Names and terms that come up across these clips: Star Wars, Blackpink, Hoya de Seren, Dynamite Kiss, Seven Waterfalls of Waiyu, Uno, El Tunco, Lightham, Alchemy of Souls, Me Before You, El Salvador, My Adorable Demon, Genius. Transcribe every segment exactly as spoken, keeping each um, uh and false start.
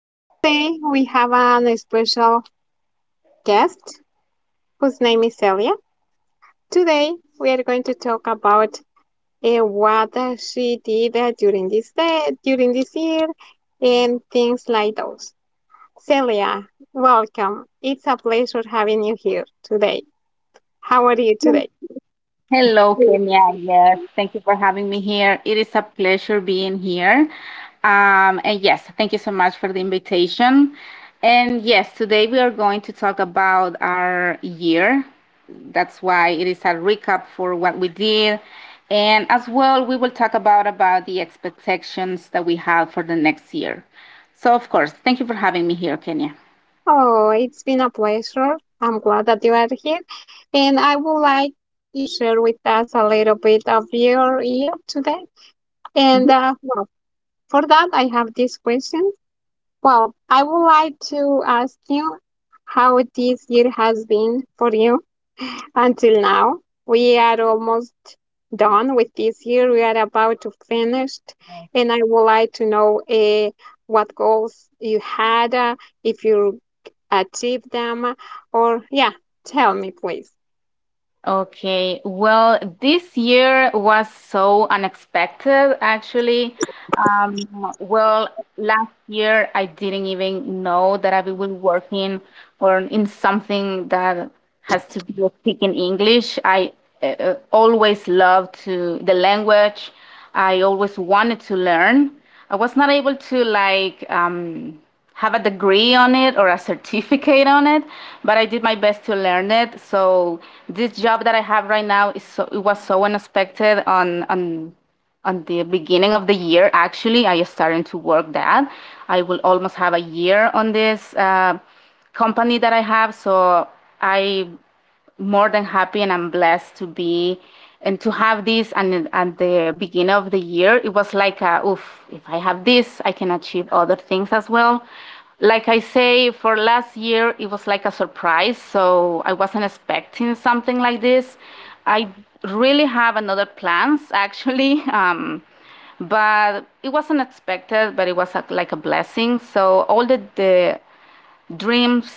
and today we have an special guest whose name is Celia. Today we are going to talk about uh, what uh, she did uh, during this day, during this year, and things like those. Celia, welcome. It's a pleasure having you here today. How are you today? Hello, Kenya. Yes, thank you for having me here. It is a pleasure being here. Um, and yes, thank you so much for the invitation. And yes, today we are going to talk about our year. That's why it is a recap for what we did. And as well, we will talk about about the expectations that we have for the next year. So, of course, thank you for having me here, Kenya. Oh, it's been a pleasure. I'm glad that you are here. And I would like you to share with us a little bit of your year today. And uh, well, for that, I have this question. Well, I would like to ask you how this year has been for you until now. We are almost done with this year. We are about to finish, and I would like to know uh, what goals you had, uh, if you achieved them, or yeah, tell me, please. Okay, well, this year was so unexpected, actually. Um, well, last year I didn't even know that I will be working or in something that has to be with speaking English. I uh, uh, always loved to the language. I always wanted to learn. I was not able to, like, um, have a degree on it or a certificate on it, but I did my best to learn it. So this job that I have right now is so, it was so unexpected on on on the beginning of the year. Actually, I started to work that. I will almost have a year on this uh, company that I have. So I more than happy and I'm blessed to be and to have this. And at the beginning of the year, it was like, a, oof, if I have this, I can achieve other things as well. Like I say, for last year, it was like a surprise. So I wasn't expecting something like this. I really have another plans actually. Um, but it wasn't expected, but it was a, like a blessing. So all the, the dreams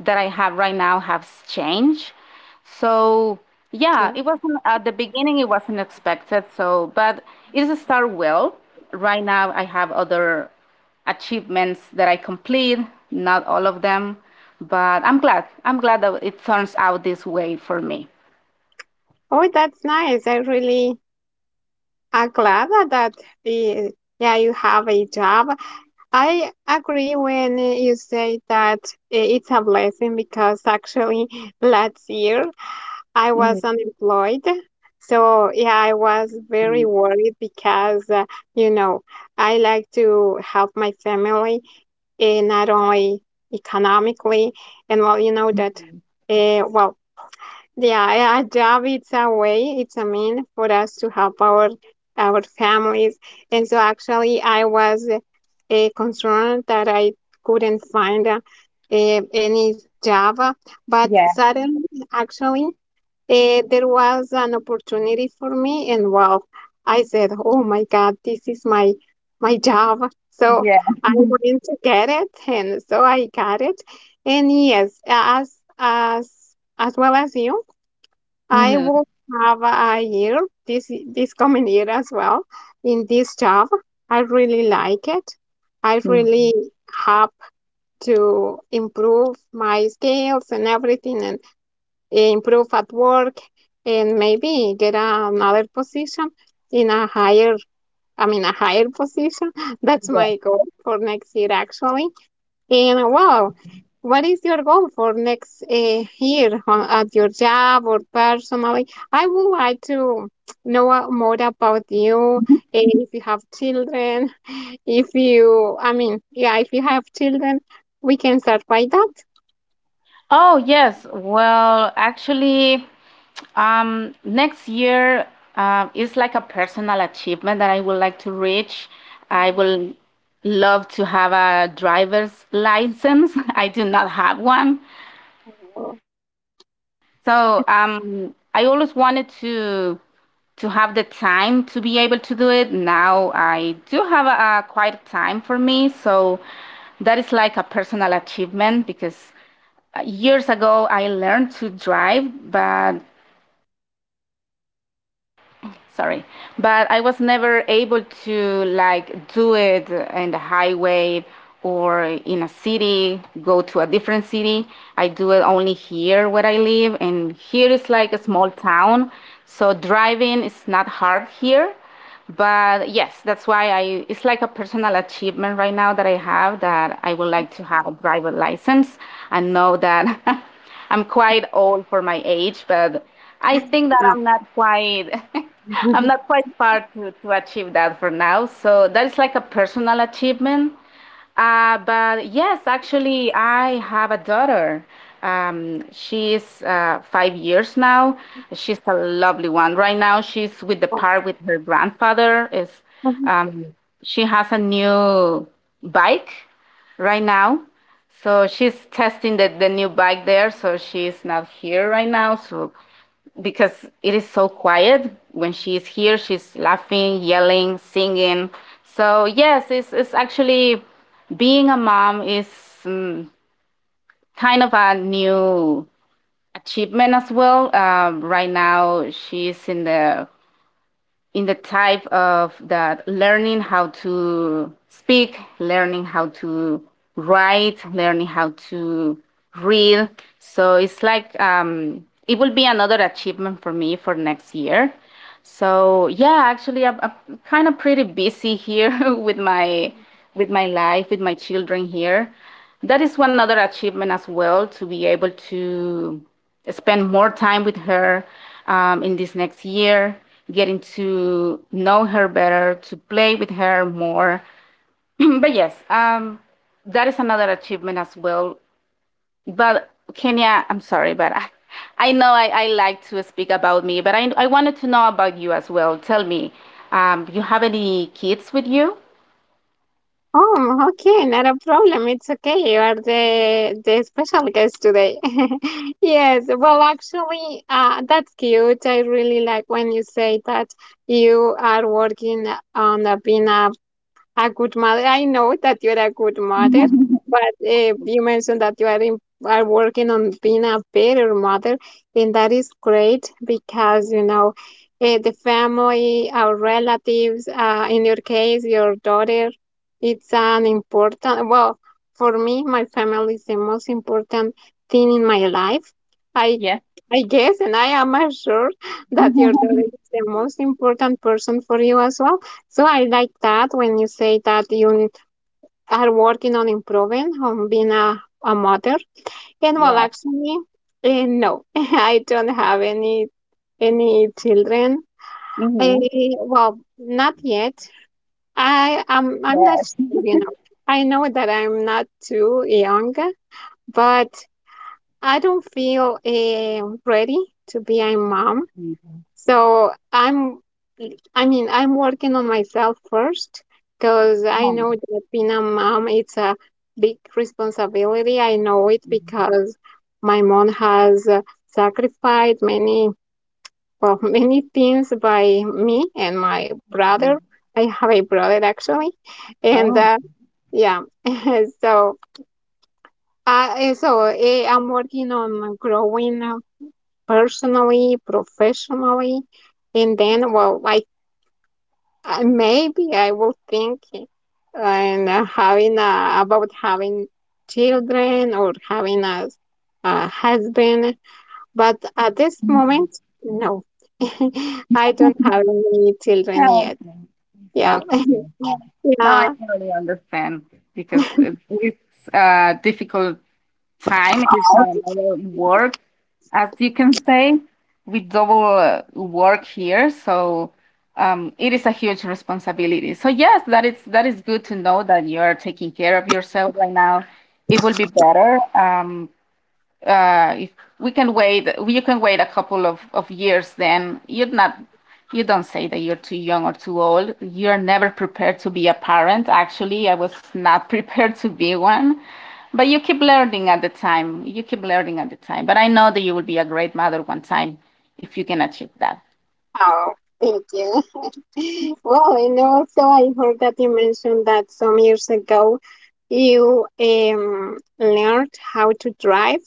that I have right now has changed. So yeah, Okay. it wasn't at the beginning. It wasn't expected. So, but it's start well. Right now, I have other achievements that I complete. Not all of them, but I'm glad. I'm glad that it turns out this way for me. Oh, that's nice. I really am glad that uh, yeah, you have a job. I agree when you say that uh, it's a blessing, because actually last year I was Mhm. unemployed. So, yeah, I was very worried, because, uh, you know, I like to help my family, and not only economically. And, well, you know that, uh, well, yeah, a a job, it's a way, it's a mean for us to help our our families. And so actually I was uh, concerned that I couldn't find uh, eh, any job, but Yeah, suddenly actually eh, there was an opportunity for me. And wow, I said, oh my God, this is my my job. So yeah. I went to get it, and so I got it. And yes, as as as well as you, I Mhm. will have a year this this coming year as well in this job. I really like it. I really have to improve my skills and everything, and eh, improve at work, and maybe get another position in a higher, I mean, a higher position. That's my goal for next year, actually. And wow, what is your goal for next uh, year on, at your job or personally? I would like to know uh, more about you, and if you have children, if you, I mean, yeah, if you have children, we can start by that. Oh, yes. Well, actually, um, next year uh, is like a personal achievement that I would like to reach. I Mhm. will love to have a driver's license. I do not have one. So um, I always wanted to to have the time to be able to do it. Now I do have a, a quiet time for me, so that is like a personal achievement because uh, years ago I learned to drive, but sorry, but I was never able to, like, do it in the highway, or in a city, go to a different city. I do it only here where I live, and here is like a small town, so driving is not hard here, but yes, that's why I, it's like a personal achievement right now that I have that I would like to have a driver license. I know that I'm quite old for my age, but I think that I'm not quite, I'm not quite far to, to achieve that for now. So that is like a personal achievement, uh, but yes, actually, I have a daughter. Um, she's uh, five years now. She's a lovely one. Right now, she's with the park with her grandfather. Is Uh, um, she has a new bike right now, so she's testing the, the new bike there. So she's not here right now. So because it is so quiet. When she is here, she's laughing, yelling, singing. So yes, it's it's actually being a mom is mm, kind of a new achievement as well. Um, right now, she's in the in the type of that learning how to speak, learning how to write, learning how to read. So it's like um, it will be another achievement for me for next year. So yeah, actually, I'm, I'm kind of pretty busy here with my with my life, with my children here. That is one other achievement as well to be able to spend more time with her um, in this next year, getting to know her better, to play with her more. But yes, um, that is another achievement as well. But Kenya, I'm sorry, but I, I know I, I like to speak about me, but I, I wanted to know about you as well. Tell me, um, you have any kids with you? Oh, okay, not a problem. It's okay. You are the the special guest today. Yes, well, actually, uh, that's cute. I really like when you say that you are working on uh, being a a good mother. I know that you're a good mother, but uh, you mentioned that you are in, are working on being a better mother, and that is great, because you know uh, the family, our relatives. Uh, in your case, your daughter. It's an important. Well, for me, my family is the most important thing in my life, I Yes. I guess, and I am assured that your daughter is the most important person for you as well. So I like that when you say that you are working on improving on being a, a mother. And well, Yes. actually, eh, no, I don't have any any children. Eh, Mm-hmm. well, not yet. I am. I'm not Yes. sure. You know, I know that I'm not too young, but I don't feel eh, ready to be a mom. So I'm, I mean, I'm working on myself first, because I know that being a mom, it's a big responsibility. I know it Mhm. because my mom has uh, sacrificed many, well, many things by me and my Mm. brother. I have a brother actually, and Oh, uh, yeah, so I, so eh, I'm working on growing uh, personally, professionally. And then, well, I Uh, maybe I will think and uh, having a, about having children or having a, a husband, but at this mm. moment, no, I don't have any children Oh, yet. Yeah, okay. Okay. Now I yeah. totally understand because it, it's a difficult time. It's another work, as you can say. We double uh, work here, so um, it is a huge responsibility. So yes, that is that is good to know that you are taking care of yourself right now. It will be better. Um, uh, if we can wait, you can wait a couple of, of years. Then you're not, you don't say that you're too young or too old. You're never prepared to be a parent. Actually, I was not prepared to be one, but you keep learning at the time. You keep learning at the time. But I know that you will be a great mother one time if you can achieve that. Oh, thank you. Well, and also I heard that you mentioned that some years ago you um, learned how to drive.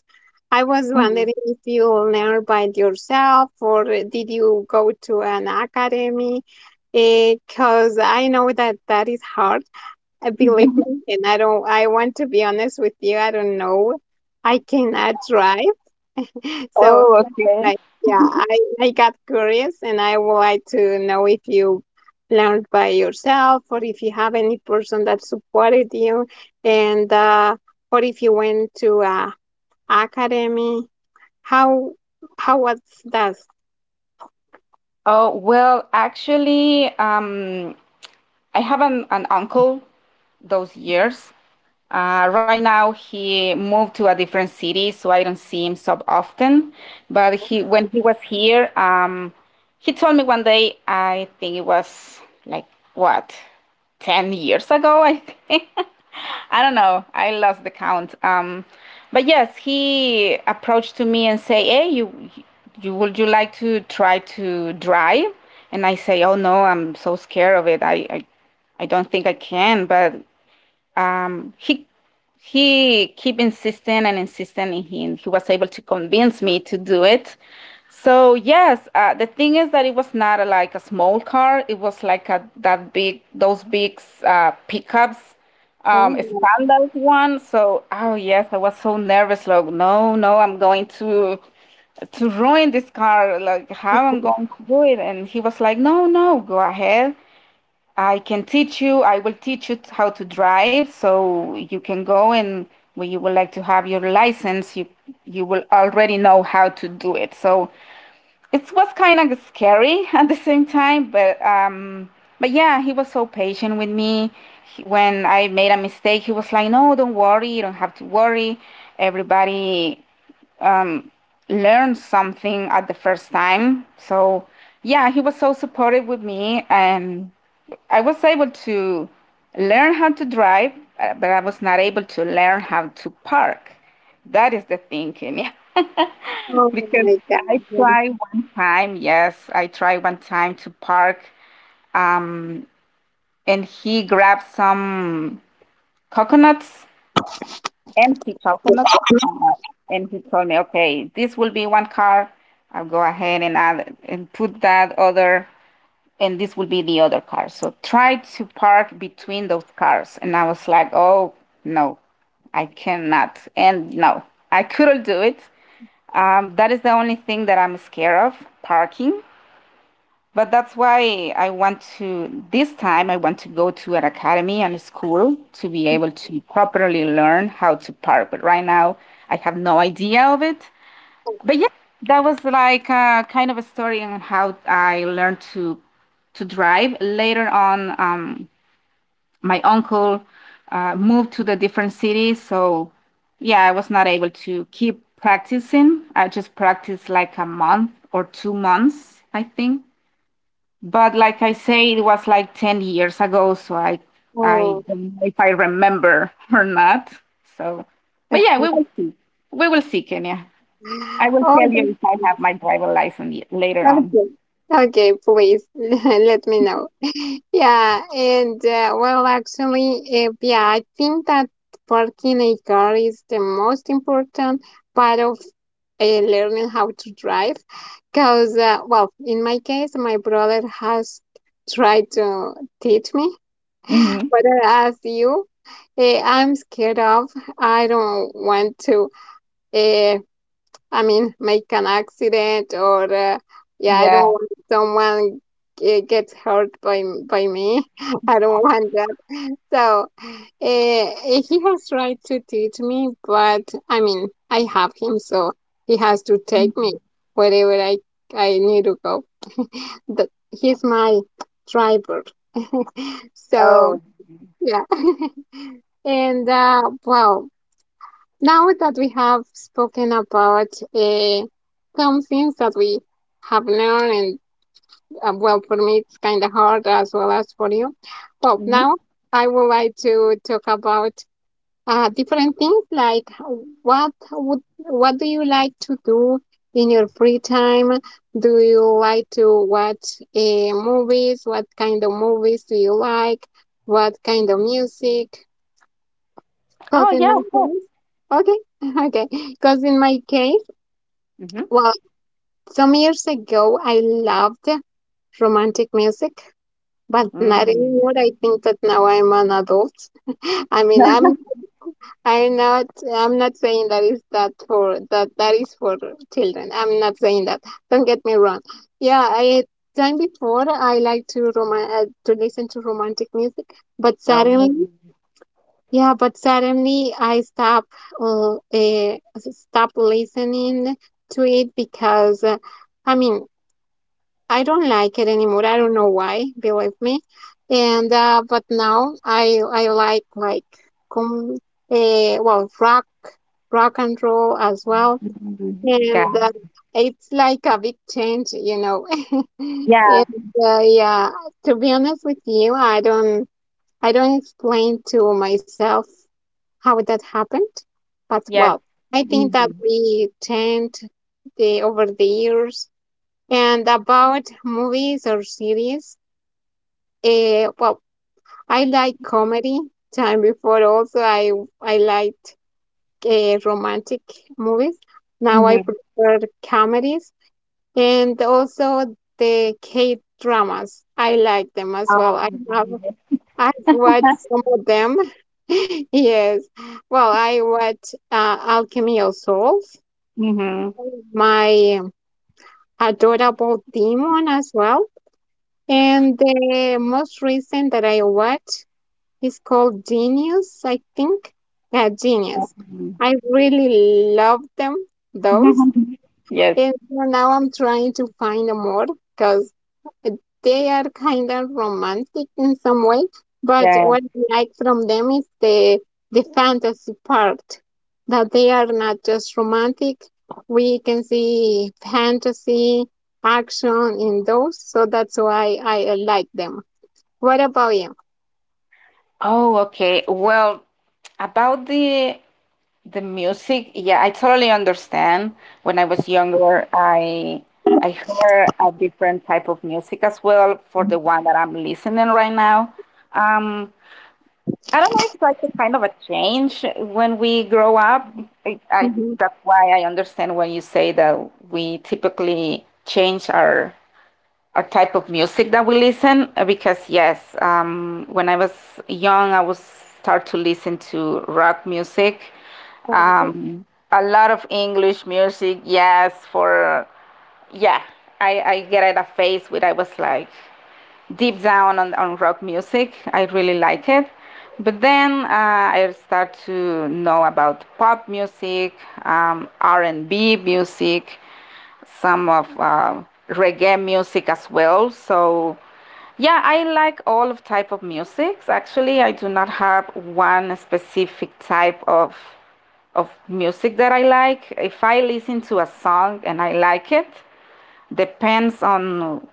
I was wondering if you learned by yourself, or did you go to an academy? Because I know that that is hard. Uh, Believe me, and I don't. I want to be honest with you. I don't know. I cannot drive. So, Oh, okay. I, yeah, I, I got curious, and I would like to know if you learned by yourself, or if you have any person that supported you and uh, or if you went to uh, academy. How how was that? Oh, well, actually, um, I have an, an uncle those years. Uh, right now, he moved to a different city, so I don't see him so often. But he, when he was here, um, he told me one day, I think it was like what, ten years ago, I think. I don't know. I lost the count. Um, but yes, he approached to me and say, "Hey, you, you would you like to try to drive?" And I say, "Oh no, I'm so scared of it. I, I I don't think I can," but um, he he keep insisting and insisting, and he, he was able to convince me to do it. So yes, uh, the thing is that it was not a, like a small car. It was like a, that big, those big uh, pickups, um, a Oh, my- standard one. So oh yes, I was so nervous. Like no, no, I'm going to to ruin this car. Like how I'm going to do it? And he was like, no, no, go ahead. I can teach you, I will teach you how to drive so you can go, and when you would like to have your license, you you will already know how to do it. So it was kind of scary at the same time, but um but yeah, he was so patient with me. He, when I made a mistake, he was like, "No, don't worry, you don't have to worry. Everybody um, learn something at the first time." So yeah, he was so supportive with me, and I was able to learn how to drive, uh, but I was not able to learn how to park. That is the thing, Kenya. oh Because my I God. tried one time, yes, I tried one time to park, um, and he grabbed some coconuts, empty coconut. uh, And he told me, okay, this will be one car. I'll go ahead and add and put that other, and this will be the other car. So try to park between those cars. And I was like, oh, no, I cannot. And no, I couldn't do it. Um, that is the only thing that I'm scared of, parking. But that's why I want to, this time, I want to go to an academy and a school to be able to properly learn how to park. But right now, I have no idea of it. But yeah, that was like a kind of a story on how I learned to to drive. Later on, um, my uncle uh, moved to the different cities, so yeah, I was not able to keep practicing. I just practiced like a month or two months, I think. But like I say, it was like ten years ago, so I I Oh, don't know if I remember or not. So, but yeah, we will see. We will see, Kenya. I will oh, tell that's, you if I have my driver license y- later on. okay. Okay, please let me know. Yeah, and uh, well, actually, uh, yeah, I think that parking a car is the most important part of uh, learning how to drive. Because, uh, well, in my case, my brother has tried to teach me, Hmm. but as you, uh, I'm scared of. I don't want to uh, I mean, make an accident, or uh, yeah, I don't Yeah. want someone ge- gets hurt by m- by me. I don't want that. So uh, he has right to teach me, but I mean, I have him, so he has to take me wherever I I need to go. That he's my driver. So Oh. yeah, and uh, wow. Now that we have spoken about uh, some things that we have learned, and uh, well, for me it's kind of hard as well as for you. Well, Mhm. now I would like to talk about uh, different things, like what would what do you like to do in your free time? Do you like to watch uh, movies? What kind of movies do you like? What kind of music? Oh Because in yeah. my Of course. case, okay, okay. Because in my case, Hmm. well, some years ago, I loved romantic music, but not anymore. Mm. I think that now I'm an adult. I mean, I'm I'm not I'm not saying that is that for that that is for children. I'm not saying that. Don't get me wrong. Yeah, I time before I like to roman uh, to listen to romantic music, but suddenly, Oh. yeah, but suddenly I stop uh, eh, stop listening to it, because uh, I mean, I don't like it anymore. I don't know why, believe me. And uh, but now I I like like com uh, well, rock rock and roll as well, Okay. and uh, it's like a big change, you know. Yeah. And uh, yeah, to be honest with you, I don't I don't explain to myself how that happened. But Yes. well, I think that Hmm. we tend the over the years. And about movies or series. Uh, well, I like comedy. Time before also I I liked uh, romantic movies. Now I Hmm. prefer comedies, and also the K dramas. I like them as well. Um, I have I've read some of them. Yes. Well, I read uh, Alchemy of Souls, hmm. My Adorable Demon as well. And the most recent that I read is called Genius, I think. Yeah, Genius. I really love them, those. Yes. And so now I'm trying to find them more, because they are kind of romantic in some way, but Yeah. what I like from them is the the fantasy part, that they are not just romantic. We can see fantasy, action in those, so that's why I like them. What about you? Oh, okay. Well, about the the music, yeah, I totally understand. When I was younger, I I heard a different type of music as well for the one that I'm listening right now. Um, I don't know, it's like a kind of a change when we grow up. I, I Mhm. That's why I understand when you say that we typically change our or type of music that we listen uh, because yes, um, when I was young I was start to listen to rock music, um, a lot of English music, yes, for yeah, i, I get at a phase where I was like deep down on, on rock music, I really like it, but then uh, I start to know about pop music, um, r&b music, some of uh, reggae music as well. So yeah, I like all of type of musics. Actually, I do not have one specific type of of music that I like. If I listen to a song and I like it, depends on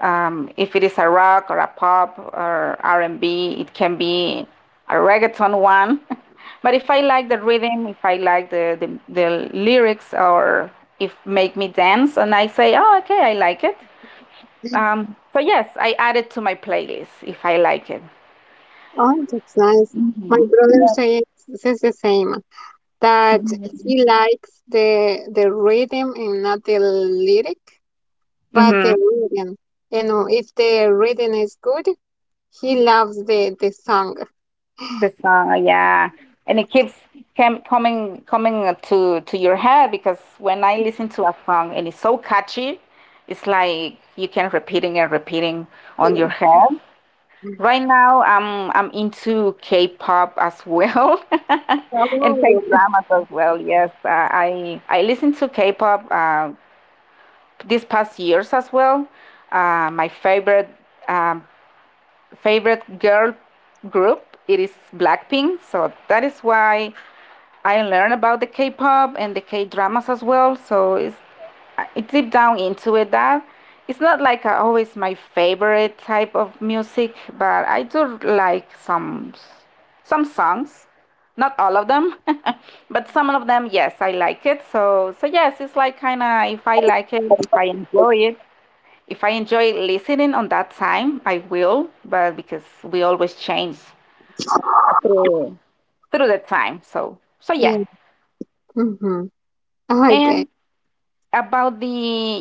um, if it is a rock or a pop or R and B, it can be a reggaeton one. But if I like the rhythm, if I like the, the, the lyrics, or if make me dance, and I say, oh, okay, I like it. Um, so yes, I add it to my playlist if I like it. Oh, that's nice. My brother says, says the same, that he likes the the rhythm and not the lyric. But the hmm reading, you know, if the reading is good, he loves the the song. the song, yeah, and it keeps cam- coming coming to to your head, because when I listen to a song and it's so catchy, it's like you can repeating and repeating on your head. Yeah. Right now, i'm i'm into K-pop as well, and Oh. K-dramas as well. Yes. Uh, i i listen to K-pop uh, these past years as well. Uh, my favorite um, favorite girl group, it is Blackpink, so that is why I learned about the K-pop and the K-dramas as well. So it's I deep down into it, that it's not like uh, always my favorite type of music, but I do like some some songs, not all of them. But some of them, yes, I like it. So so yes, it's like kind of if I like it, if I enjoy it, if I enjoy listening on that time, I will. But because we always change through through the time. So so yeah. Yeah. Hmm. Okay. And about the,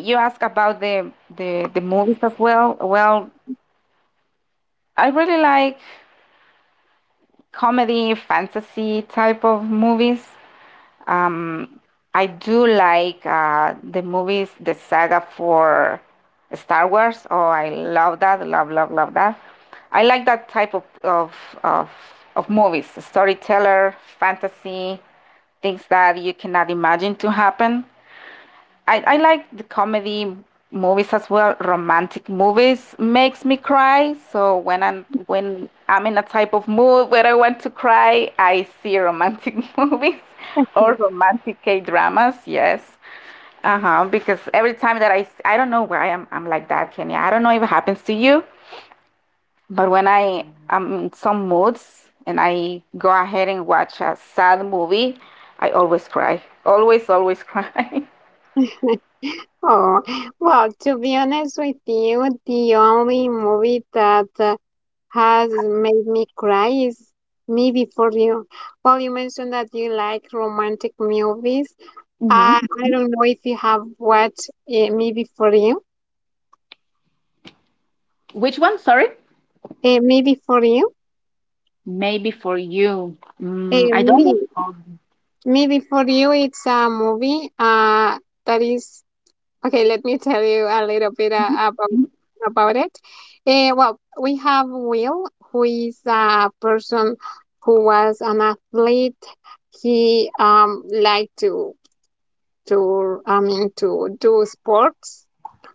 you ask about the the, the movies as well. Well, I really like comedy, fantasy type of movies. Um, I do like uh, the movies, the saga for Star Wars. Oh, I love that. Love, love, love that. I like that type of of of, of movies, storyteller, fantasy, things that you cannot imagine to happen. I, I like the comedy movies as well. Romantic movies makes me cry. So when I'm when I'm in a type of mood where I want to cry, I see romantic movies or romantic K dramas. Yes. Uh huh. Because every time that I, s- I don't know why I'm, I'm like that, Kenya. I don't know if it happens to you, but when I am in some moods and I go ahead and watch a sad movie, I always cry. Always, always cry. Oh, well, to be honest with you, the only movie that uh, has made me cry is Me Before You. Well, you mentioned that you like romantic movies. Hmm. I I don't know if you have watched uh, Me Before You. Which one? Sorry. Uh, Me Before You. Maybe for you. Uh, Mm, I don't know. me. Maybe for you it's a movie uh, that is okay. Let me tell you a little bit uh, about Mhm. about it. Uh, well, we have Will, who is a person who was an athlete. He um liked to to I mean, to do sports.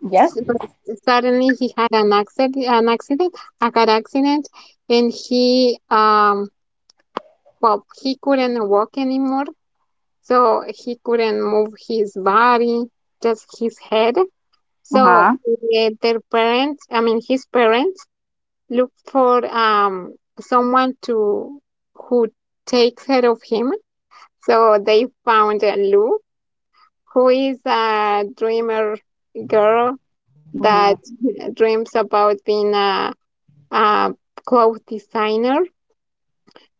Yes. S- But suddenly he had an accident, an accident, a car accident, and he um well he couldn't walk anymore, so he couldn't move his body, just his head. So Uh-huh. eh, their parents, I mean, his parents, look for um someone to who takes care of him. So they found uh, Lou, who is a dreamer girl that Mm-hmm. dreams about being a, a clothes designer.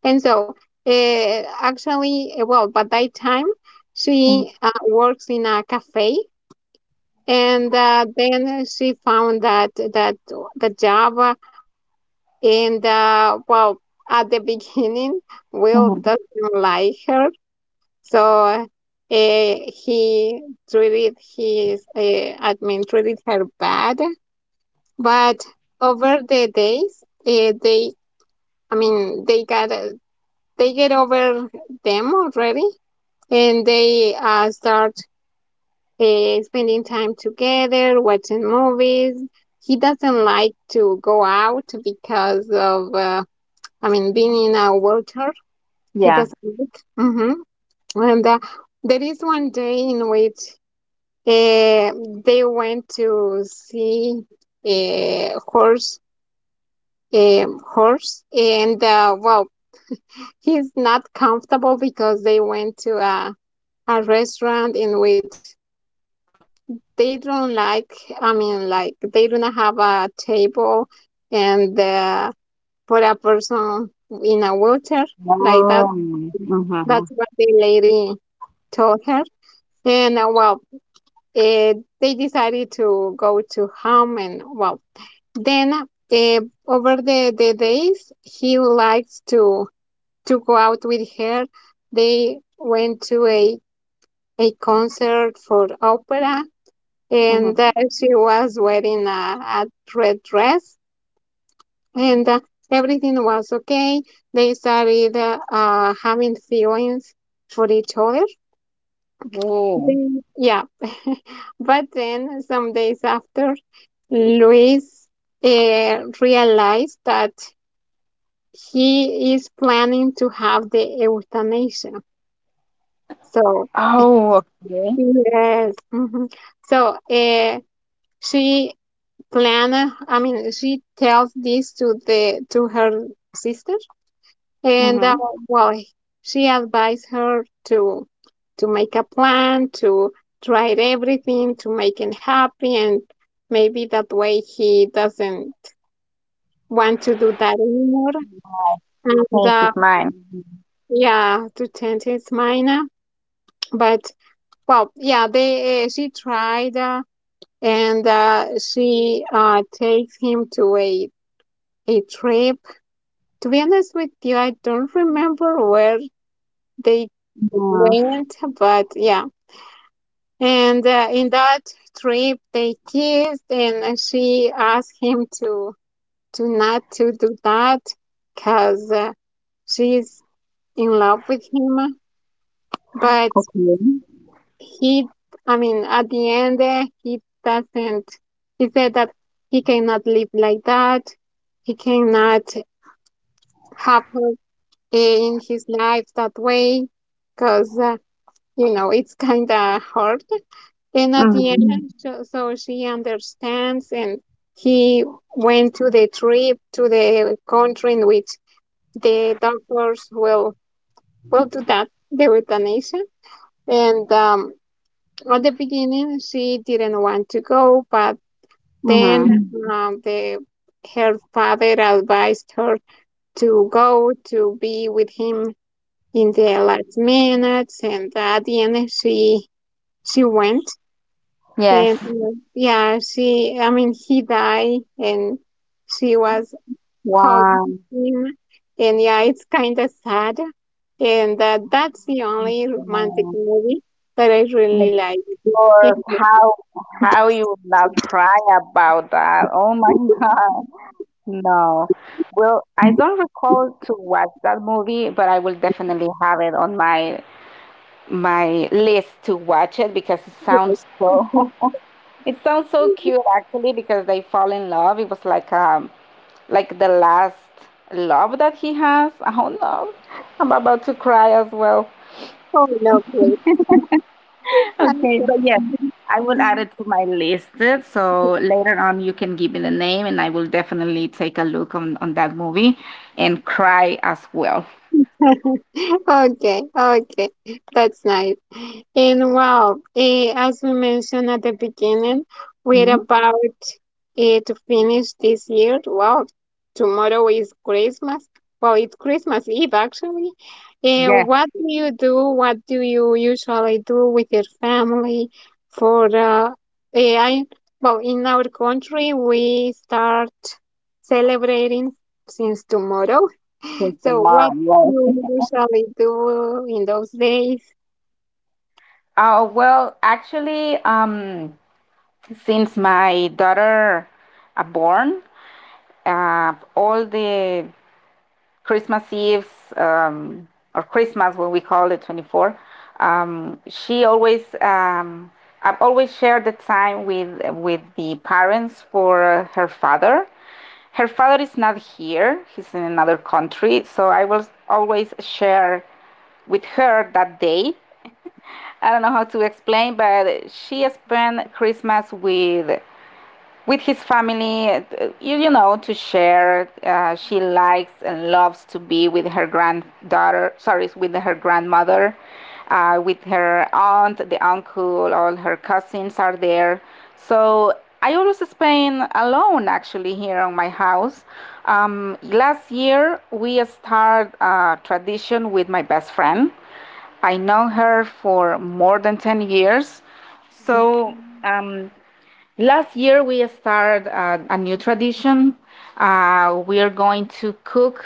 And so, uh, actually, eh, well, by that time, she uh, works in a cafe, and uh, then she found that that the job. And the, well, at the beginning, Will Hmm. doesn't like her, so uh, he treated his uh, I mean, treated her bad, but over the days uh, they, I mean, they got uh, they get over them already, and they uh, start eh, spending time together, watching movies. He doesn't like to go out because of, uh, I mean, being in a water. He Yeah. doesn't like. hmm And uh, there is one day in which uh, they went to see a horse. A horse, and uh, well, he's not comfortable because they went to a, a restaurant in which they don't like i mean like they don't have a table and uh, for a person in a wheelchair like that, Um, mm-hmm. that's what the lady told her. And uh, well, uh, they decided to go to home. And well, then uh, over the, the days, he likes to to go out with her. They went to a a concert for opera, and uh, Hmm. she was wearing a, a red dress. And uh, everything was okay. They started uh, uh, having feelings for each other. Oh. Then- yeah, but then some days after, Luis uh, realized that he is planning to have the euthanasia. So Oh, okay. yes, mhm. So uh, she plan I mean she tells this to the to her sister. And uh, Mm-hmm. well, she advised her to to make a plan to try everything to make him happy, and maybe that way he doesn't want to do that anymore. Change And his uh, mind. yeah to change his mind. Uh, but well, yeah, they uh, she tried, uh, and uh, she uh, takes him to a a trip. To be honest with you, I don't remember where Hmm. they went, but yeah. And uh, in that trip, they kissed. And uh, she asked him to to not to do that, cause uh, she's in love with him. But Okay. he, I mean, at the end, uh, he doesn't. He said that he cannot live like that. He cannot have her in his life that way, cause. Uh, you know it's kind of hard. And at the Mm-hmm. end, so, so she understands, and he went to the trip to the country in which the doctors will will do that, the euthanasia. And um, at the beginning, she didn't want to go, but Mm-hmm. then um, the her father advised her to go to be with him in the last minutes. And at the end, she she went. Yes. And uh, yeah, she, I mean, he died and she was holding Wow. him. And yeah, it's kind of sad. And uh, that's the only romantic movie that I really like. And Lord, how how you would not cry about that? Oh my God. No. Well, I don't recall to watch that movie, but I will definitely have it on my my list to watch it, because it sounds so it's it sounds so cute, actually, because they fall in love. It was like um like the last love that he has. Oh no. I'm about to cry as well. so lovely. Okay, but yes, I will add it to my list. uh, So later on you can give me the name, and I will definitely take a look on, on that movie, and cry as well. Okay, okay, that's nice. And wow, eh, as we mentioned at the beginning, we're Mhm. about eh, to finish this year. Wow, tomorrow is Christmas. Well, it's Christmas Eve actually. Eh, Yes, What do you do? What do you usually do with your family for uh, eh, I, well, in our country, we start celebrating since tomorrow. since So what tomorrow. Yes. you usually do in those days? Oh well, actually, um, since my daughter uh, born, uh, all the Christmas Eves um, or Christmas, what we call it, twenty-four, um, she always, um, I've always shared the time with with the parents for her father. Her father is not here; he's in another country. So I will always share with her that day. I don't know how to explain, but she spent Christmas with with his family, uh, you, you know, to share. Uh, she likes and loves to be with her granddaughter, sorry, with her grandmother, uh, with her aunt, the uncle, all her cousins are there. So I always spend alone actually here on my house. Um, last year, we started a tradition with my best friend. I know her for more than ten years. So um, Last year, we started a, a new tradition. Uh, we are going to cook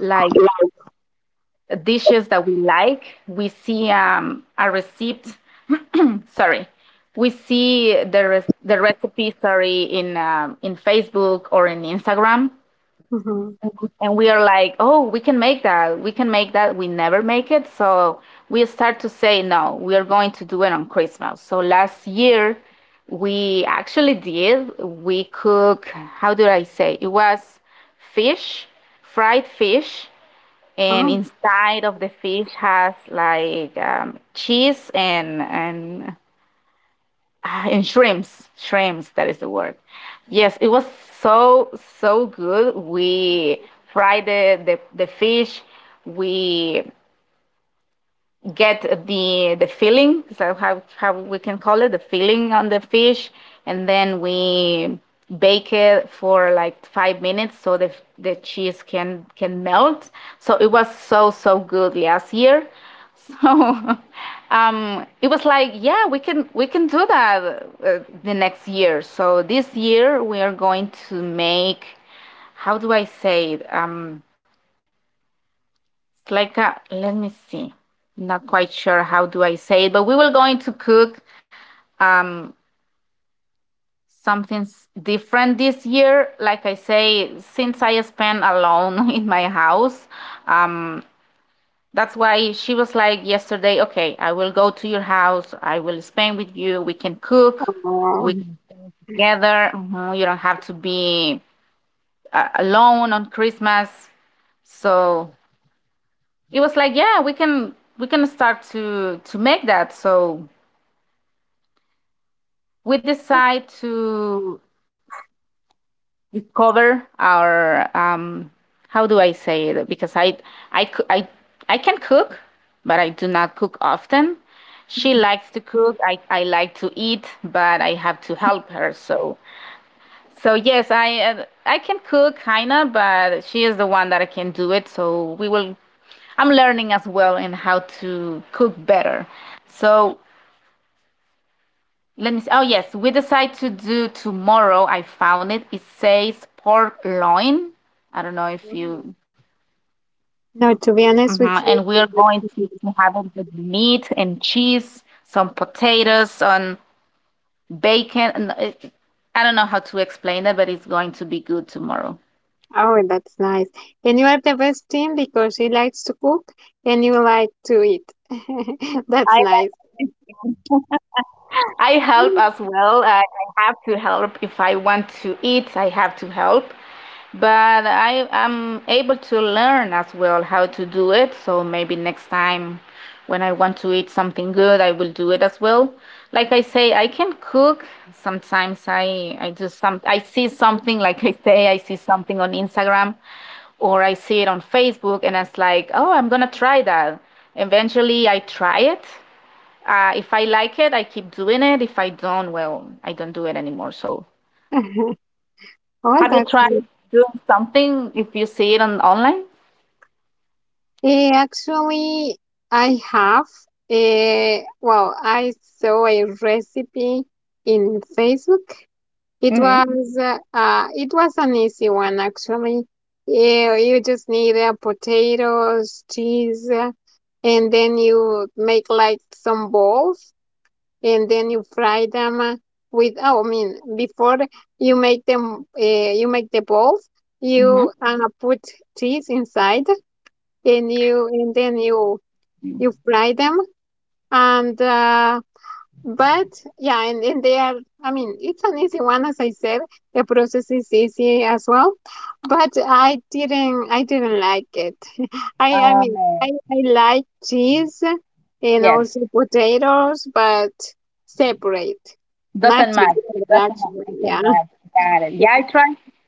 like dishes that we like. We see um, a receipt. Sorry, we see the re- the recipe. Sorry, in um, in Facebook or in Instagram. Mhm. Mhm. And we are like, oh, we can make that. We can make that. We never make it. So we start to say, no, we are going to do it on Christmas. So last year, we actually did. We cook, how do I say? It was fish, fried fish. And inside of the fish has like um, cheese and, and ah, and shrimps. Shrimps that is the word. Yes. It was so so good. We fried the the, the fish. We get the the filling. So how how we can call it, the filling on the fish, and then we bake it for like five minutes, so the the cheese can can melt. So it was so so good last year. So um it was like, yeah, we can we can do that uh, the next year. So this year we are going to make, how do I say it, um it's like a, let me see. Not quite sure how do I say it, but we were going to cook um something different this year. Like I say, since I spent alone in my house, um that's why she was like yesterday, okay, I will go to your house. I will spend with you. We can cook. We Oh. can together. Mhm. You don't have to be uh, alone on Christmas. So it was like, yeah, we can we can start to to make that. So we decide to discover our, um, how do I say it? Because I I coo- I I can cook, but I do not cook often. She likes to cook. I, I like to eat, but I have to help her. So so yes, I uh, I can cook kinda, but she is the one that can do it. So we will I'm learning as well in how to cook better. So let me see. Oh yes, we decide to do tomorrow. I found it. It says pork loin. I don't know if you. No, to be honest Mhm. with And you, we're going to to have it with meat and cheese, some potatoes, some bacon. And it- I don't know how to explain that, but it's going to be good tomorrow. oh, that's nice. And you are the best team because she likes to cook and you like to eat. That's nice. I help as well. I, I have to help if I want to eat. I have to help, but I am able to learn as well how to do it. So maybe next time, when I want to eat something good, I will do it as well. Like I say, I can cook. Sometimes I I do some. I see something. Like I say, I see something on Instagram, or I see it on Facebook, and it's like, oh, I'm gonna try that. Eventually, I try it, uh, if I like it, I keep doing it. If I don't, well, I don't do it anymore. So, Oh, have you that's tried nice. doing something if you see it on online? Eh, actually, I have. Eh, well, I saw a recipe in Facebook. It Mm-hmm. was uh, uh, it was an easy one actually. You, you just need uh, potatoes, cheese, uh, and then you make like some balls, and then you fry them uh, with. Oh, I mean, before you make them, uh, you make the balls. You Mm-hmm. uh, put cheese inside, and you and then you you fry them. And uh, but yeah, and, and they are, I mean, it's an easy one, as I said. The process is easy as well. But I didn't, I didn't like it. I, I mean, Um, Uh, I, I like cheese and yes, also potatoes, but separate, not doesn't match. It together, doesn't match. actually. I can Yeah. match. Got it. Yeah, I tried.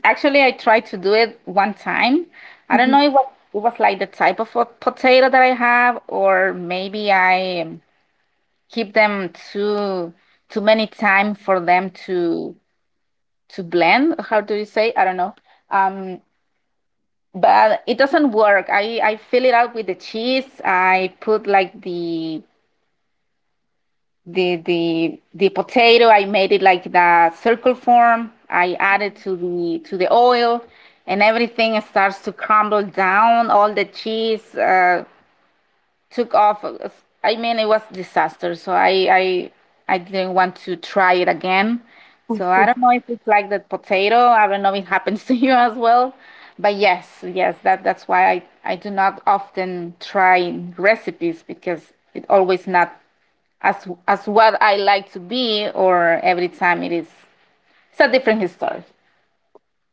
Actually, I tried to do it one time. I don't Mhm. know what it was it was like the type of a potato that I have, or maybe I um, keep them too too many time for them to to blend. How do you say? I don't know. Um, but it doesn't work. I I fill it out with the cheese. I put like the the the the potato. I made it like the circle form. I added to the to the oil, and everything starts to crumble down. All the cheese. Uh, took off. I mean, it was disaster. So I, I, I didn't want to try it again. So I Okay. don't know if it's like the potato. I don't know if it happens to you as well. But yes, yes, that that's why I, I do not often try recipes, because it always not as as what I like to be, or every time it is it's a different history.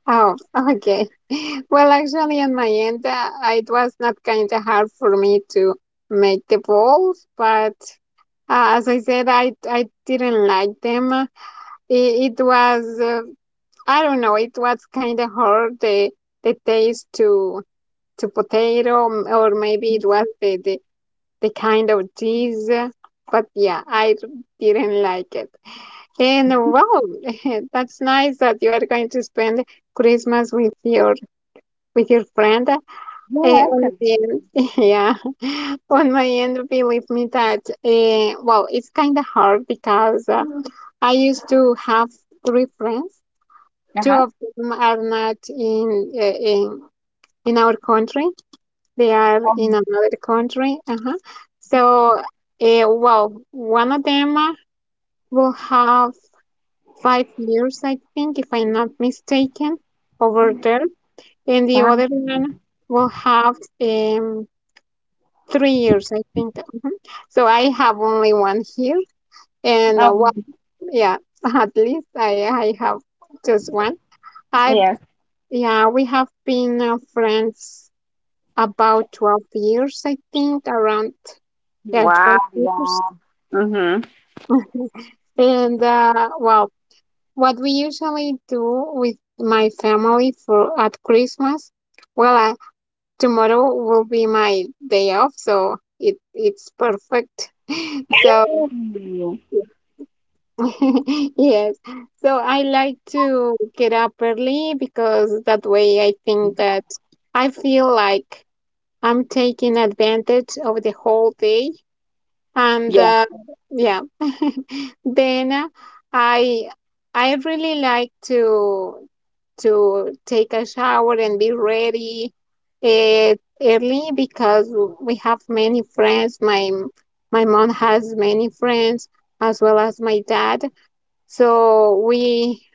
Oh, okay. Well, actually, on my end, uh, it was not kind of hard for me to make the balls, but. Uh, as I said, I I didn't like them. It, it was uh, I don't know. It was kind of hard, the the taste to to potato, m- or maybe it was the the, the kind of cheese. But yeah, I didn't like it. And wow, that's nice that you are going to spend Christmas with your with your friend. Uh, Yeah, On actually. the end, yeah, on my end, believe me that, uh, well, it's kind of hard because uh, I used to have three friends. Two Uh-huh. of them are not in uh, in in our country; they are in Um, another country. Uh-huh. So, uh, well, one of them uh, will have five years, I think, if I'm not mistaken, over there. And the wow. other one will have um three years, I think. Mhm. So I have only one here, and uh, Um, one, yeah, at least I I have just one. I've yes. yeah, we have been uh, friends about twelve years, I think, around yeah, Wow. twelve years. Yeah. Mm-hmm. And uh, well, what we usually do with my family for at Christmas, well, I, tomorrow will be my day off, so it it's perfect. So. Mm. Yes. So I like to get up early because that way I think that I feel like I'm taking advantage of the whole day. And uh, Yeah. yeah, then uh, I I really like to to take a shower and be ready uh, early because we have many friends. My my mom has many friends as well as my dad, so we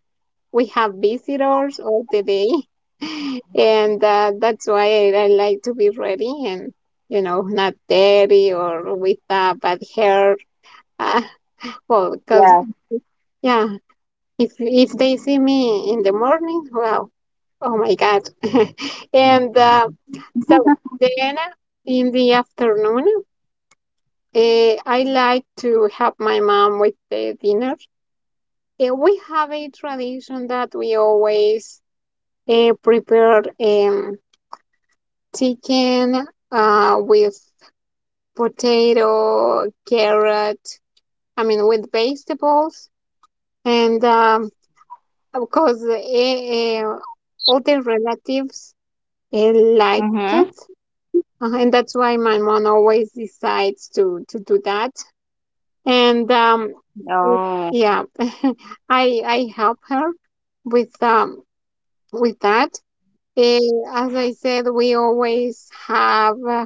we have visitors all the day. And uh, that's why I, I like to be ready and you know not dirty or with uh, bad hair. Uh, well, because Yes. yeah, if if they see me in the morning, wow, oh my God. and uh, so then uh, in the afternoon, uh, I like to help my mom with the dinner. Eh, we have a tradition that we always eh, prepared um, chicken uh, with potato, carrot, I mean, with vegetables. And um, of course, eh, eh, all the relatives eh, like Mm-hmm. it. Uh, and that's why my mom always decides to, to do that. And um, Oh, yeah, I, I help her with, um, with that. Eh, as I said, we always have uh,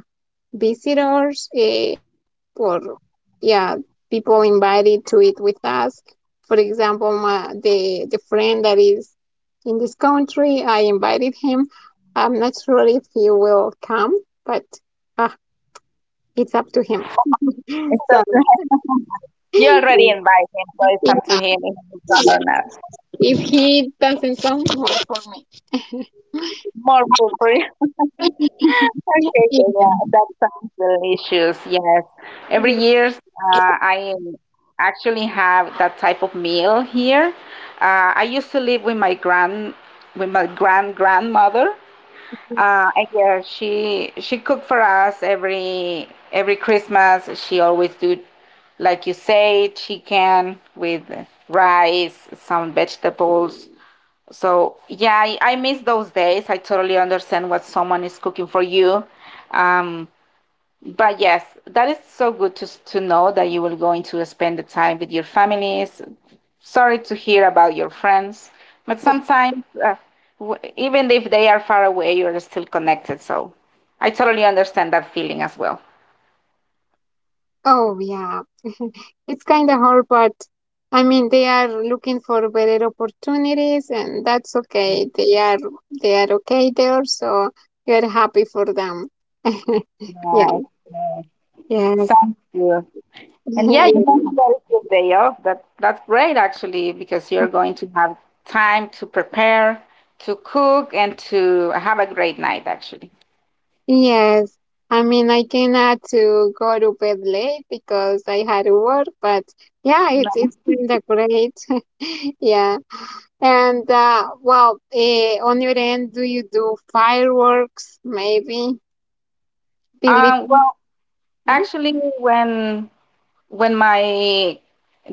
visitors eh, or yeah, people invited to eat with us. For example, my, the the friend that is in this country, I invited him. I'm not sure if he will come, but uh, it's up to him, it's so up to him. You yeah, already invite him, so it's up to him if he come or not. if he doesn't come, well, for me. More food for you. Yeah, Okay, so yeah. yeah, that sounds delicious. Yes. Every year, uh, I actually have that type of meal here. Uh, I used to live with my grand, with my grand grandmother, Uh, and yeah, she she cooked for us every every Christmas. She always do, like you say, chicken with rice, some vegetables. So yeah, I, I miss those days. I totally understand what someone is cooking for you. Um, but yes, that is so good to, to know that you will going to spend the time with your families. Sorry to hear about your friends, but sometimes uh, w- even if they are far away, you are still connected. So I totally understand that feeling as well. Oh yeah, it's kind of hard, but I mean, they are looking for better opportunities, and that's okay. They are they are okay there, so you are happy for them. Yeah. Right. Yes. Sounds good. And yeah, you mentioned that it's your day off. That that's great actually because you're going to have time to prepare, to cook, and to have a great night actually. Yes. I mean, I cannot to go to bed late because I had to work, but yeah, it's it's kind of great. Yeah. And uh, well, eh, on your end, do you do fireworks? Maybe believe. Um, well, Uh-huh. actually, when when my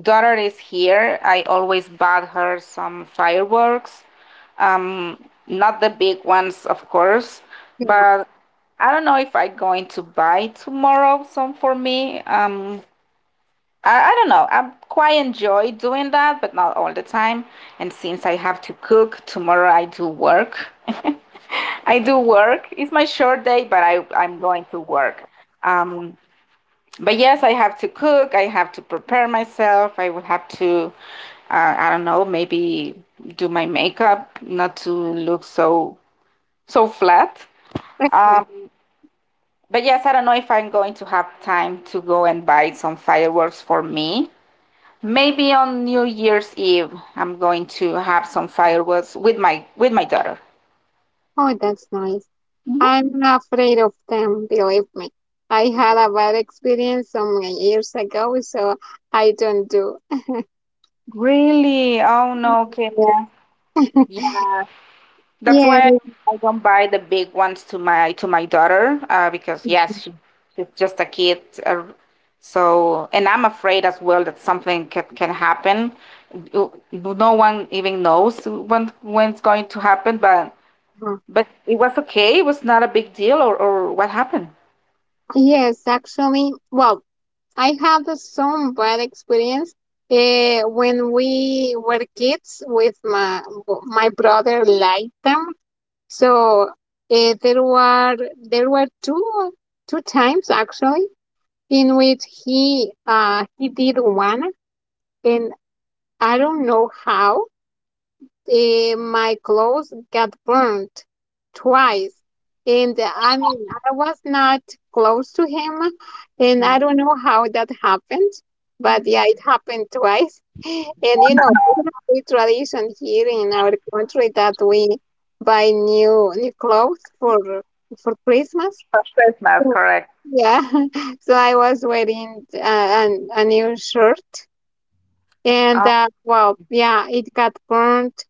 daughter is here, I always bought her some fireworks. Um, not the big ones, of course, Yeah. but I don't know if I'm going to buy tomorrow some for me. Um, I, I don't know. I quite enjoy doing that, but not all the time. And since I have to cook tomorrow, I do work. I do work. It's my short day, but I, I'm going to work. Um, but yes, I have to cook. I have to prepare myself. I will have to, uh, I don't know, maybe do my makeup not to look so so flat. Okay. Um, but yes, I don't know if I'm going to have time to go and buy some fireworks for me. Maybe on New Year's Eve, I'm going to have some fireworks with my with my daughter. Oh, that's nice. I'm not afraid of them, believe me. I had a bad experience some, like, years ago, so I don't do. Really? Oh no, Kenya. Yeah, that's Yes, why I, I don't buy the big ones to my to my daughter uh, because yes, she, she's just a kid. Uh, so and I'm afraid as well that something can, can happen. You- No one even knows when when it's going to happen, but yes, but it was okay. It was not a big deal or, or what happened. yes, actually, well, I had some bad experience uh, when we were kids with my my brother Lightham. So uh, there were there were two two times actually in which he uh, he did one, and I don't know how uh, my clothes got burnt twice. And uh, I mean, I was not close to him, and I Mhm. don't know how that happened, but yeah, it happened twice. And you know, we have a tradition here in our country that we buy new new clothes for for Christmas. For Christmas, Oh, correct. yeah, so I was wearing uh, an, a new shirt, and Um, uh, well, yeah, it got burnt,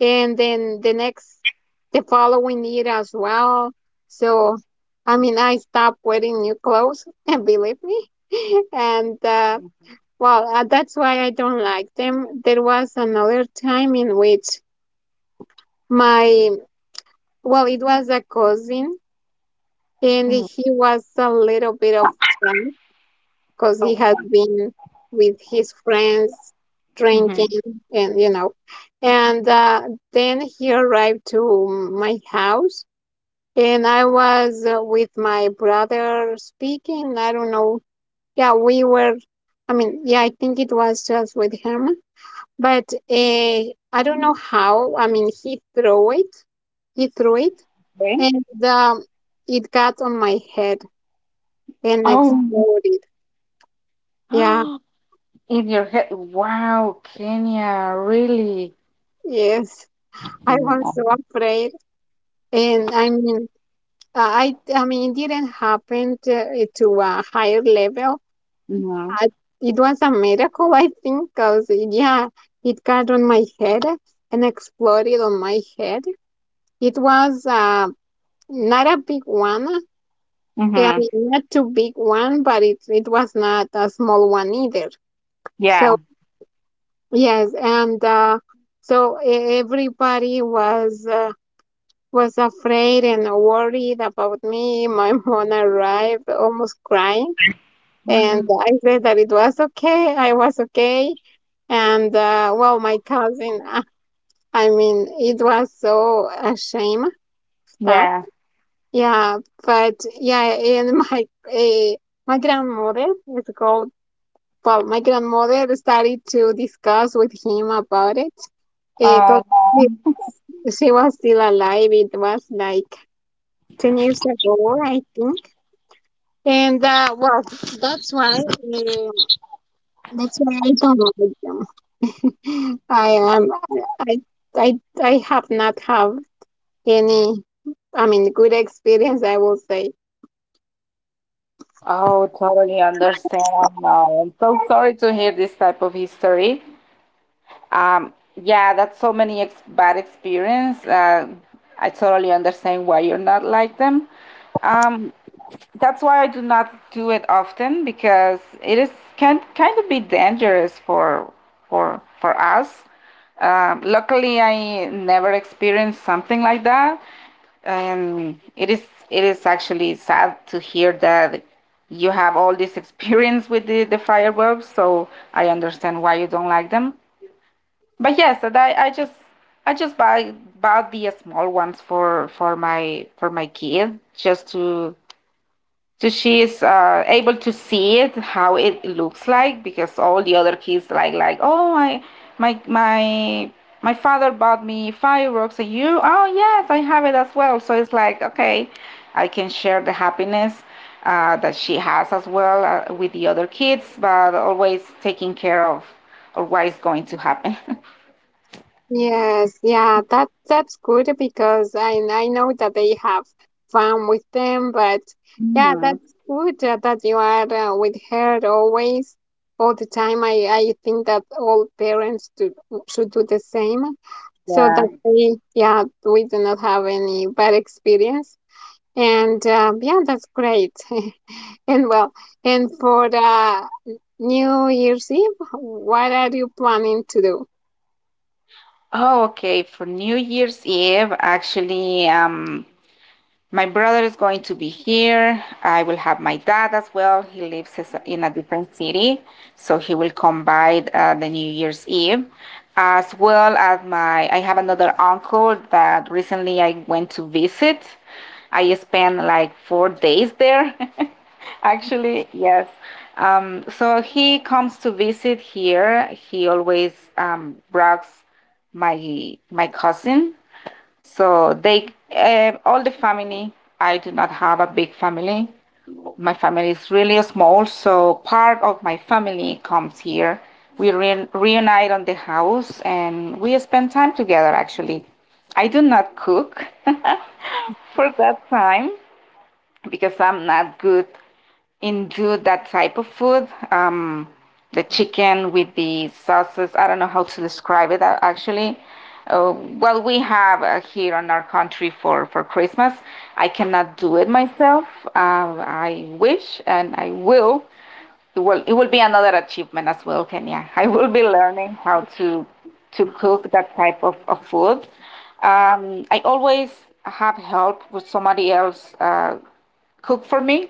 and then the next, the following year as well. So, I mean, I stopped wearing new clothes, and believe me. and uh, well, uh, that's why I don't like them. There was another time in which my, well, it was a cousin, and mhm. he was a little bit of drunk because Oh, he has fun. been with his friends Mhm. drinking and you know. And uh, then he arrived to my house, and I was uh, with my brother speaking, I don't know, yeah, we were I mean yeah, I think it was just with him. But uh, I don't know how, I mean, he threw it he threw it, Okay. and um, it got on my head and Oh, exploded. Yeah, in your head. Wow, Kenya, really? yes, I Mm, was oh, so afraid. And I mean, uh, I I mean, it didn't happen to, to a higher level. no. I, it was a miracle, I think, because yeah, it got on my head and exploded on my head. It was uh, not a big one. Yeah, I Mm-hmm. mean, not too big one, but it it was not a small one either. So Yeah. yes, and uh, so e- everybody was. Uh, was afraid and worried about me. My mom arrived almost crying, and Mhm. I said that it was okay. I was okay. And uh, well, my cousin. uh, I mean, it was so ashamed of that. Yeah. Yeah, but yeah, and my uh, my grandmother is called. Well, my grandmother started to discuss with him about it because Oh she no. she was still alive. It was like ten years ago, I think. And uh, well, that's why uh, that's why I don't like them. I am I I I have not have any, I mean good experience, I will say. Oh, totally understand. Oh no. I'm so sorry to hear this type of history. Um, yeah, that's so many ex- bad experience. Uh, I totally understand why you're not like them. Um, that's why I do not do it often because it is can kind of be dangerous for for for us. Um, luckily, I never experienced something like that, and it is it is actually sad to hear that you have all this experience with the, the fireworks. So I understand why you don't like them. But yes, and I, I just I just buy bought the small ones for for my for my kid just to so she is uh, able to see it how it looks like, because all the other kids like like oh, my my my my father bought me fireworks, and you oh yes I have it as well, so it's like okay I can share the happiness uh, that she has as well uh, with the other kids, but always taking care of of what is going to happen. Yes, yeah, that that's good because I I know that they have fun with them, but yeah, Yeah. that's good uh, that you are uh, with her always, all the time. I I think that all parents do, should do the same, so Yeah. that they, yeah, we do not have any bad experience. And uh, yeah, that's great. And well, and for uh, New Year's Eve, what are you planning to do? Oh, okay. For New Year's Eve, actually, um, My brother is going to be here. I will have my dad as well. He lives in a different city, so he will come by uh, the New Year's Eve. As well as my, I have another uncle that recently I went to visit. I spent like four days there, actually, yes. Um, so he comes to visit here. He always um, brags my my cousin, so they, um all the family. I do not have a big family. My family is really small, so part of my family comes here. We re- reunite on the house and we spend time together. Actually, I do not cook for that time because I'm not good into that type of food. Um, the chicken with the sauces. I don't know how to describe it uh, actually. Uh, what we have uh, here in our country for, for Christmas, I cannot do it myself. Uh, I wish and I will. It will it will be another achievement as well, Kenya. I will be learning how to to cook that type of, of food. Um, I always have help with somebody else uh, cook for me.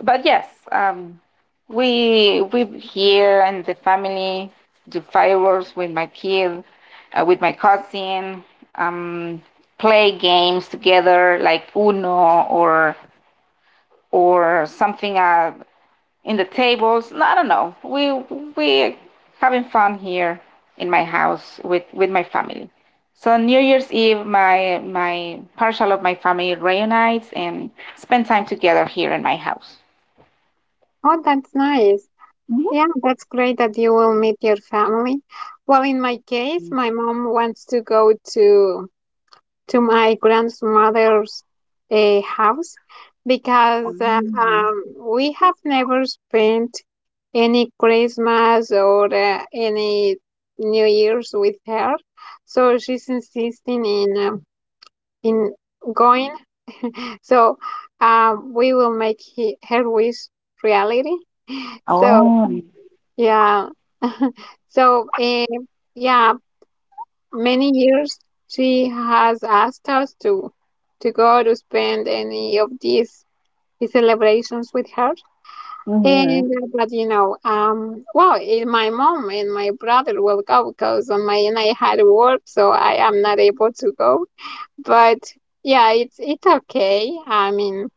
But yes, um, we we here and the family do fireworks with my kid, uh, with my cousin. Um, play games together like Uno or or something uh, in the tables. No, I don't know. We we having fun here in my house with with my family. So New Year's Eve, my my partial of my family reunites and spend time together here in my house. Oh, that's nice. Mhm. Yeah, that's great that you will meet your family. Well, in my case, my mom wants to go to to my grandmother's uh, house because uh, Mm. um, we have never spent any Christmas or uh, any New Year's with her. So she's insisting in um in going. So uh, we will make he, her wish reality. So Oh. yeah. So, eh, yeah, many years she has asked us to to go to spend any of these these celebrations with her. Mhm. And uh, but you know, um, well, eh, My mom and my brother will go because on my end I had work, so I am not able to go. But yeah, it's it's okay. I mean,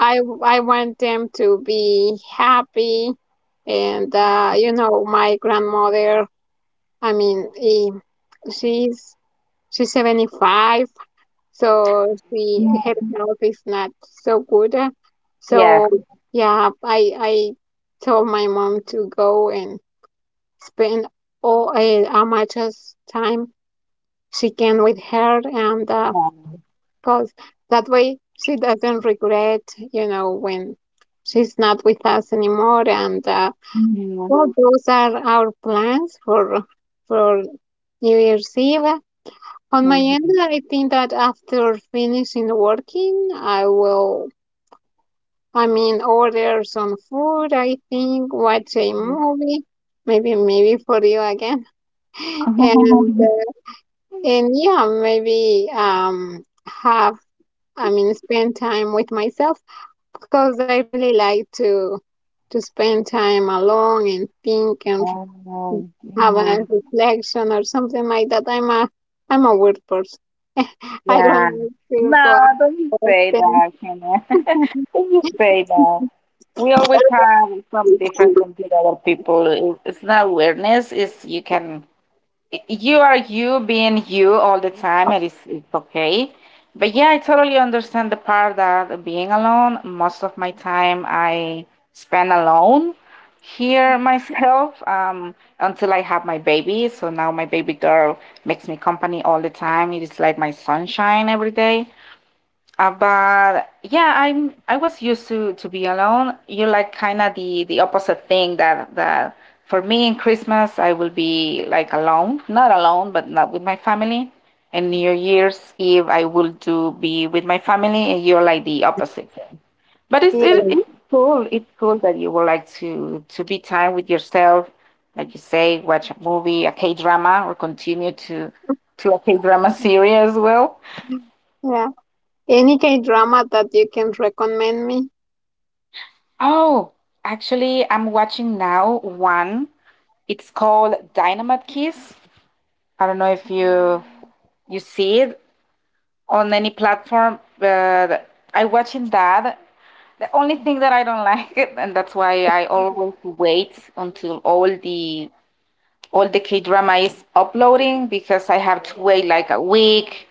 I I want them to be happy, and uh, you know, my grandmother, I mean, eh, she's she's seventy-five, so she her health is not so good. So Yes. yeah, I I told my mom to go and spend all eh, how much as time she can with her, and uh, Yeah. cause that way she doesn't regret, you know, when she's not with us anymore. And uh, Mhm. well, those are our plans for for New Year's Eve. On my end, Mhm. I think that after finishing working, I will, I mean, order some food, I think, watch a Mhm. movie, maybe, maybe for you again. And, uh, and yeah, maybe um, have, I mean, spend time with myself because I really like to to spend time alone and think and Oh. have a Mhm. reflection or something like that. I'm a, I'm a weird person. I don't Yeah. like to No, go out don't you say often. that, Kenneth. Don't you say that. We always have some difference from the other people. It- It's not awareness, it's you can you are you being you all the time, and it's, it's okay. But yeah, I totally understand the part that being alone, most of my time I spend alone here myself um, until I have my baby. So now my baby girl makes me company all the time. It is like my sunshine every day. Uh, but yeah, I'm I was used to to be alone. You like kind of the the opposite thing that that for me in Christmas I will be like alone, not alone, but not with my family. And New Year's Eve I will do be with my family, and you're like the opposite. But it's it, Yeah. it's cool. It's cool that you would like to to be time with yourself, like you say, watch a movie, a K drama, or continue to to a K drama series as well. Yeah. Any K drama that you can recommend me? Oh, actually, I'm watching now one. It's called Dynamite Kiss. I don't know if you you see it on any platform, but I watching that. The only thing that I don't like it, and that's why I always wait until all the all the K drama is uploading, because I have to wait like a week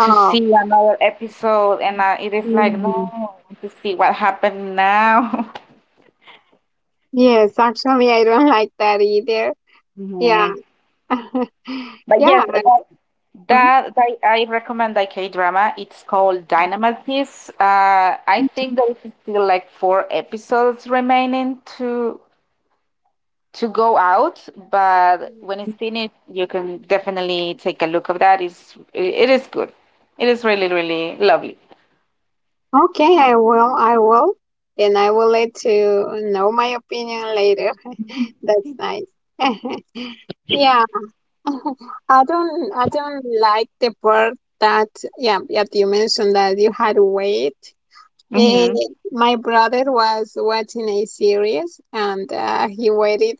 to see another episode, and uh, it is like no, mhm. I want to see what happened now. Yes, actually, I don't like that either. Yeah. Mhm. But Yeah. yes, that, Uh-huh. That I, I recommend a K drama. It's called Dynamite Kiss. Uh, I think there is still like four episodes remaining to to go out, but when it's finished, you can definitely take a look of that. It's it is good. It is really really lovely. Okay, I will. I will. And I will let you know my opinion later. That's nice. Yeah. I don't I don't like the part that, yeah, yeah, you mentioned that you had weight. Eh, Mm-hmm. my brother was watching a series and uh, he waited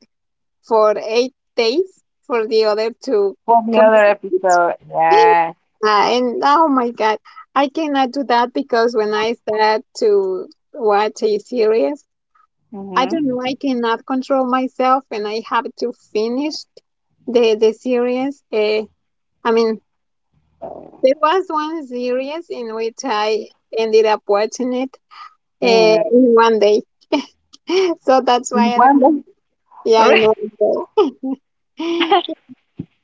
for eight days for the other to For the other complete. episode, yeah. Uh, and oh my God, I cannot do that because when I start to watch a series, I don't know, Mm-hmm. I cannot control myself and I have to finish the, the series. Uh, I mean, there was one series in which I ended up watching it uh, in one day. So that's why I don't, Mm-hmm. yeah, in one day.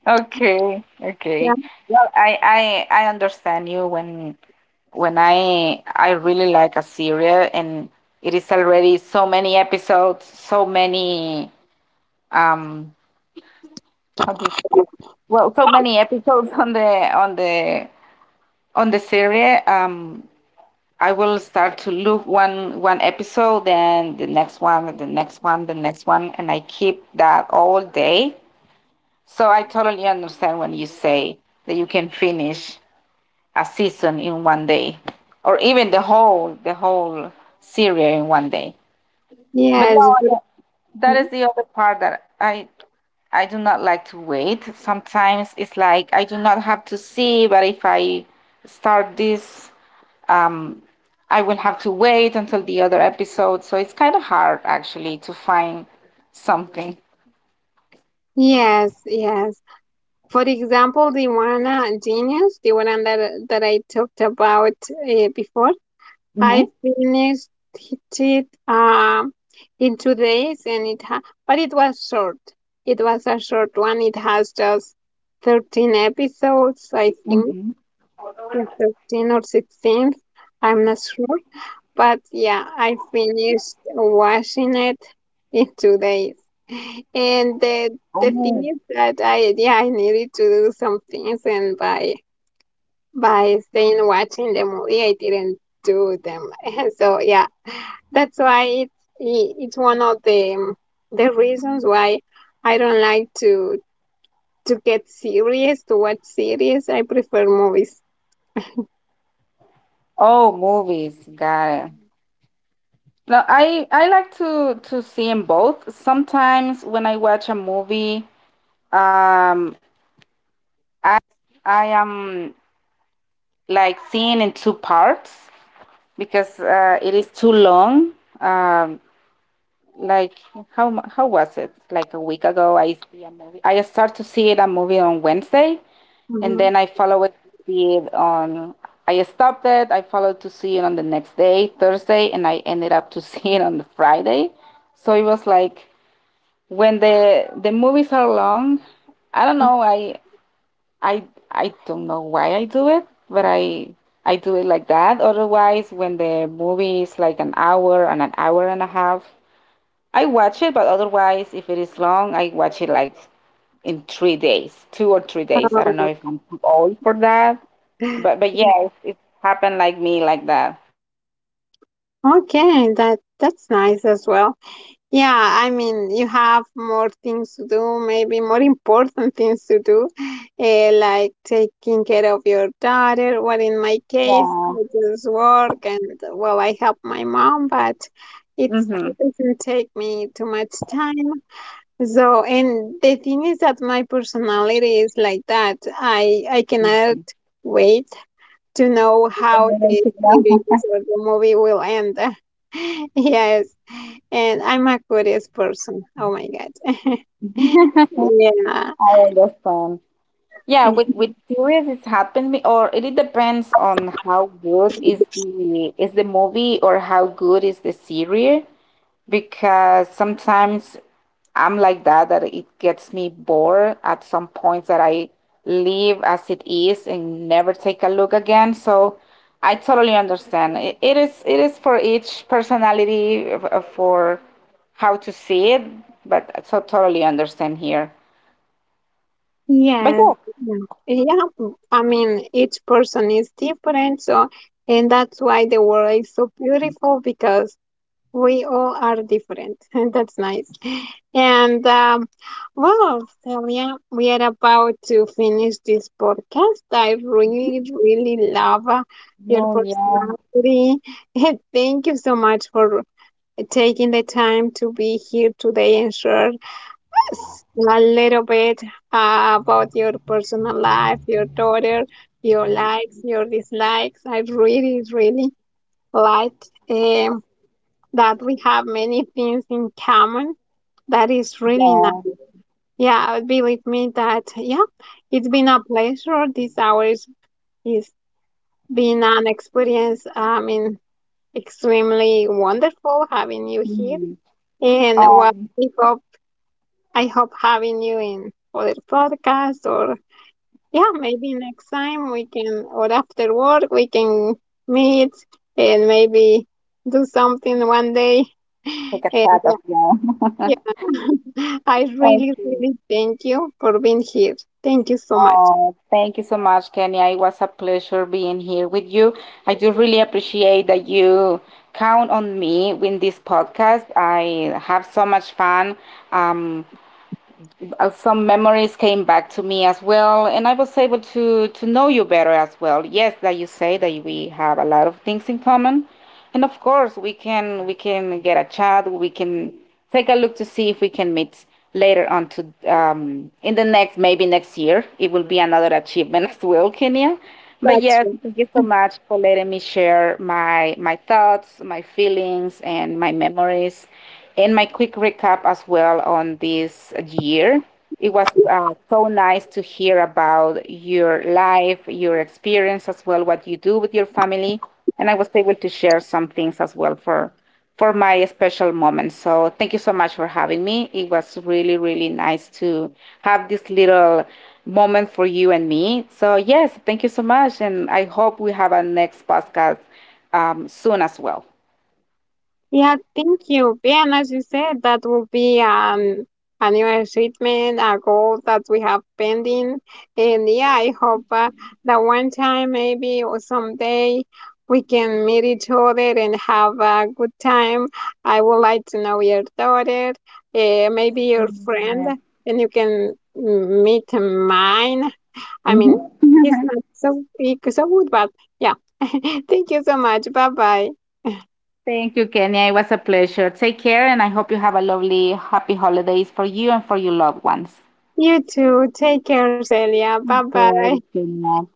Okay, Yeah. okay. Well, I I I understand you when when I I really like a serial and it is already so many episodes, so many um how do you say? Well, so many episodes on the on the on the series. Um, I will start to look one one episode, then the next one, the next one, the next one, and I keep that all day. So I totally understand when you say that you can finish a season in one day, or even the whole the whole Syria in one day. But no, Yes, but- that- that is Mhm. the other part that I I do not like to wait. Sometimes it's like I do not have to see, but if I start this, um, I will have to wait until the other episode. So it's kind of hard actually to find something. Yes, yes. For example, the one uh, genius, the one that uh, that I talked about uh, before, Mhm. I finished it um in two days, and it ha but it was short. It was a short one. It has just thirteen episodes, I think, Mhm. yeah, thirteen or sixteen. I'm not sure. But yeah, I finished watching it in two days. And the the thing is that I yeah, I needed to do some things and by by staying watching the movie I didn't do them. So yeah, that's why it's i- it's one of the the reasons why I don't like to to get serious to watch series. I prefer movies. Oh, movies, got it. No, I I like to to see 'em both. Sometimes when I watch a movie, um, I am like seeing in two parts because uh, it is too long. Um, like how mu- how was it? Like a week ago, I see a movie. I start to see it a movie on Wednesday, and Mhm. then I follow it to see it on. I stopped it. I followed to see it on the next day, Thursday, and I ended up to see it on the Friday. So it was like when the the movies are long, I don't know. I I I don't know why I do it, but I I do it like that. Otherwise, when the movie is like an hour and an hour and a half, I watch it. But otherwise, if it is long, I watch it like in three days, two or three days. I don't know Oh. if I'm too old for that, but but yeah, it, it happened like me like that. Okay, that that's nice as well. Yeah, I mean, you have more things to do, maybe more important things to do, eh, like taking care of your daughter. Well, in my case, Yeah. I just work and, well, I help my mom, but it's, it Mhm. doesn't take me too much time. So, and the thing is that my personality is like that. I, I cannot Mm-hmm. wait to know how the series or the movie will end. Yes, and I'm a curious person. Oh my God. Yeah. I understand. Yeah, with with series it's happened me, or it depends on how good is the is the movie, or how good is the series, because sometimes I'm like that that it gets me bored at some points that I leave as it is and never take a look again. So I totally understand. It, it is it is for each personality f- uh, for how to see it, but I to- totally understand here. But Yes. yeah. Yeah. Yeah. Well, I mean, each person is different, so and that's why the world is so beautiful because we all are different. And that's nice. And um, well, Celia, we are about to finish this podcast. I really, really love uh, your Oh yeah, personality. Thank you so much for taking the time to be here today and share a little bit uh, about your personal life, your daughter, your likes, your dislikes. I really, really like um, that we have many things in common. That is really yeah. nice. Yeah, believe me that, yeah, it's been a pleasure. This hour is, is been an experience, I mean, extremely wonderful having you here. Mm. And well, Um, we hope I hope having you in other podcasts or yeah, maybe next time we can or after work we can meet and maybe do something one day. Look a And that as well. yeah, yeah. I really, Okay. really thank you for being here. Thank you so much. Oh, thank you so much, Kenya. It was a pleasure being here with you. I do really appreciate that you count on me with this podcast. I have so much fun. Um, uh, some memories came back to me as well, and I was able to to know you better as well. Yes, that you say that we have a lot of things in common, and of course we can we can get a chat. We can take a look to see if we can meet later on to um, in the next maybe next year. It will be another achievement as well, Kenya. But That's yes, thank you so much for letting me share my my thoughts, my feelings, and my memories. And my quick recap as well on this year. It was uh, so nice to hear about your life, your experience as well, what you do with your family. And I was able to share some things as well for for my special moment. So thank you so much for having me. It was really, really nice to have this little moment for you and me. So yes, thank you so much. And I hope we have a next podcast um, soon as well. Yeah, thank you. Yeah, and as you said, that will be um annual treatment, a goal that we have pending. And yeah, I hope uh, that one time, maybe or someday, we can meet each other and have a good time. I would like to know your daughter, uh, maybe your friend, and you can m- meet mine. I Mhm. mean, he's not so he's so good, but yeah. Thank you so much. Bye bye. Thank you, Kenya. It was a pleasure. Take care, and I hope you have a lovely, happy holidays for you and for your loved ones. You too. Take care, Celia. Bye Thank bye. you, Kenya.